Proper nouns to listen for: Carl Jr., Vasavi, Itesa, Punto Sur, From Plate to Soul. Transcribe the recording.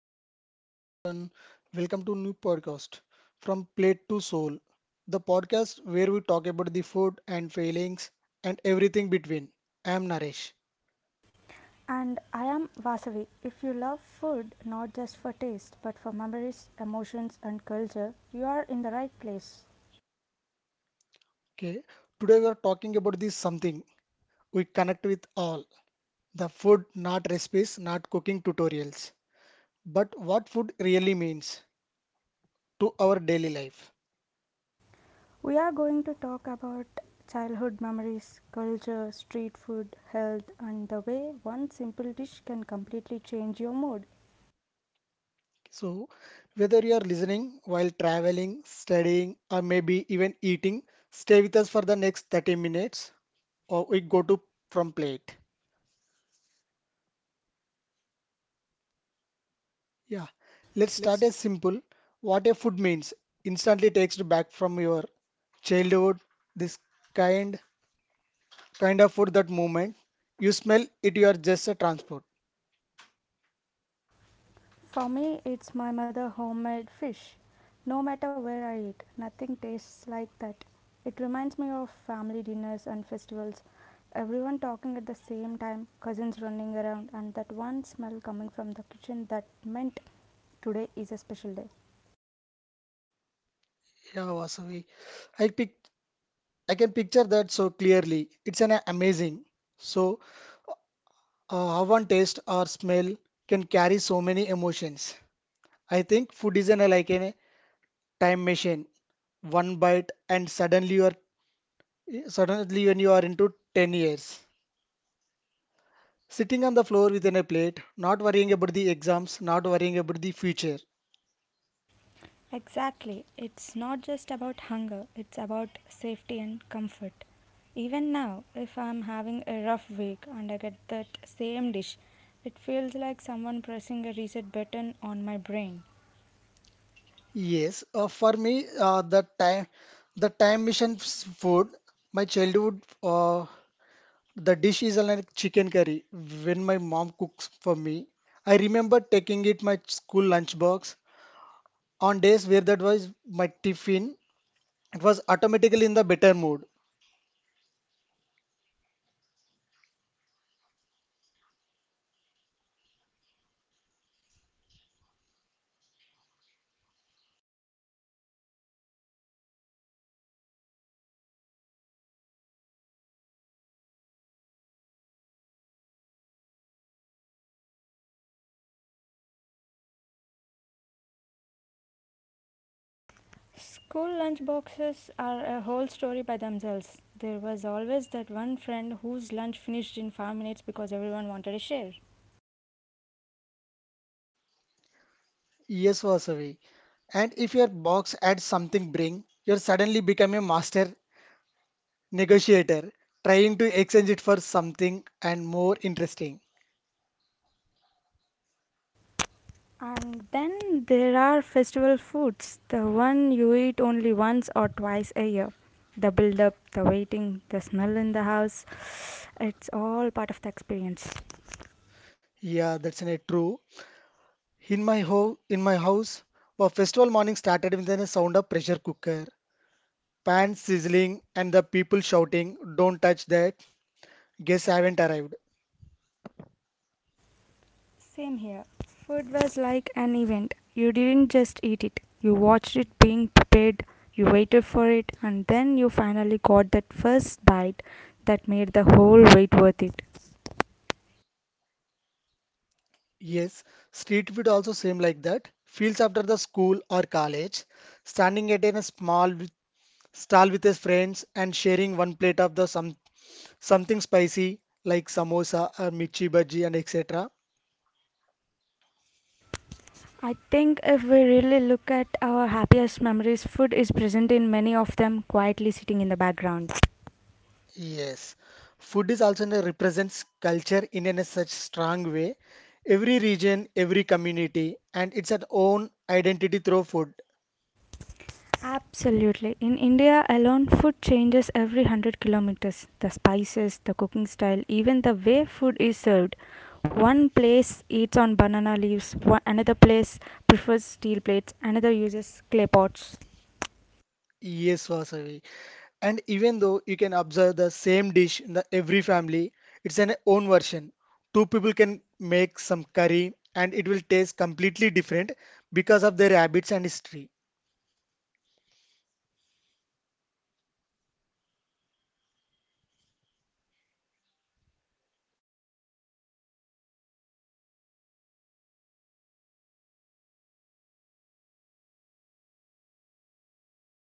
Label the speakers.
Speaker 1: Hello everyone, welcome to new podcast From Plate to Soul, the podcast where we talk about the food and feelings and everything between. I am Naresh.
Speaker 2: And I am Vasavi. If you love food not just for taste but for memories, emotions, and culture, you are in the right place.
Speaker 1: Okay, today we are talking about this something we connect with all the food, not recipes, not cooking tutorials, but what food really means to our daily life.
Speaker 2: We are going to talk about childhood memories, culture, street food, health, and the way one simple dish can completely change your mood.
Speaker 1: So, whether you are listening while traveling, studying, or maybe even eating, stay with us for the next 30 minutes or we go to from plate. Yeah, let's start as simple. What a food means instantly takes you back from your childhood. This kind kind of food that moment you smell it, you are just a transport.
Speaker 2: For me, it's my mother homemade fish. No matter where I eat, nothing tastes like that. It reminds me of family dinners and festivals. Everyone talking at the same time, cousins running around, and that one smell coming from the kitchen that meant today is a special day.
Speaker 1: Yeah, Vasavi. I pic I can picture that so clearly. It's an amazing. So how one taste or smell can carry so many emotions. I think food is an, like a time machine. One bite and suddenly you are suddenly when you are into 10 years. Sitting on the floor within a plate, not worrying about the exams, not worrying about the future.
Speaker 2: Exactly. It's not just about hunger, it's about safety and comfort. Even now, if I'm having a rough week and I get that same dish, it feels like someone pressing a reset button on my brain.
Speaker 1: Yes, for me, the time mission food, my childhood, the dish is like chicken curry. When my mom cooks for me, I remember taking it my school lunch box on days where that was my tiffin, it was automatically in the better mood.
Speaker 2: School lunch boxes are a whole story by themselves. There was always that one friend whose lunch finished in 5 minutes because everyone wanted a share.
Speaker 1: Yes, Vasavi. And if your box adds something bring, you're suddenly become a master negotiator, trying to exchange it for something and more interesting.
Speaker 2: And then there are festival foods, the one you eat only once or twice a year. The build up, the waiting, the smell in the house, it's all part of the experience.
Speaker 1: Yeah, that's a true. In my house, a festival morning started with the sound of pressure cooker, pan sizzling and the people shouting, "Don't touch that! Guests haven't arrived."
Speaker 2: Same here. Food was like an event. You didn't just eat it, you watched it being prepared, you waited for it, and then you finally got that first bite that made the whole wait worth it.
Speaker 1: Yes, street food also same like that. Feels after the school or college, standing at in a small with- stall with his friends and sharing one plate of the some something spicy like samosa or mirchi bhaji and etc.
Speaker 2: I think if we really look at our happiest memories, food is present in many of them, quietly sitting in the background.
Speaker 1: Yes, food is also in a represents culture in a such strong way. Every region, every community, and it's an own identity through food.
Speaker 2: Absolutely. In India alone, food changes every 100 kilometers. The spices, the cooking style, even the way food is served. One place eats on banana leaves, one, another place prefers steel plates, another uses clay pots.
Speaker 1: Yes, Vasavi. And even though you can observe the same dish in the every family, it's an own version. Two people can make some curry and it will taste completely different because of their habits and history.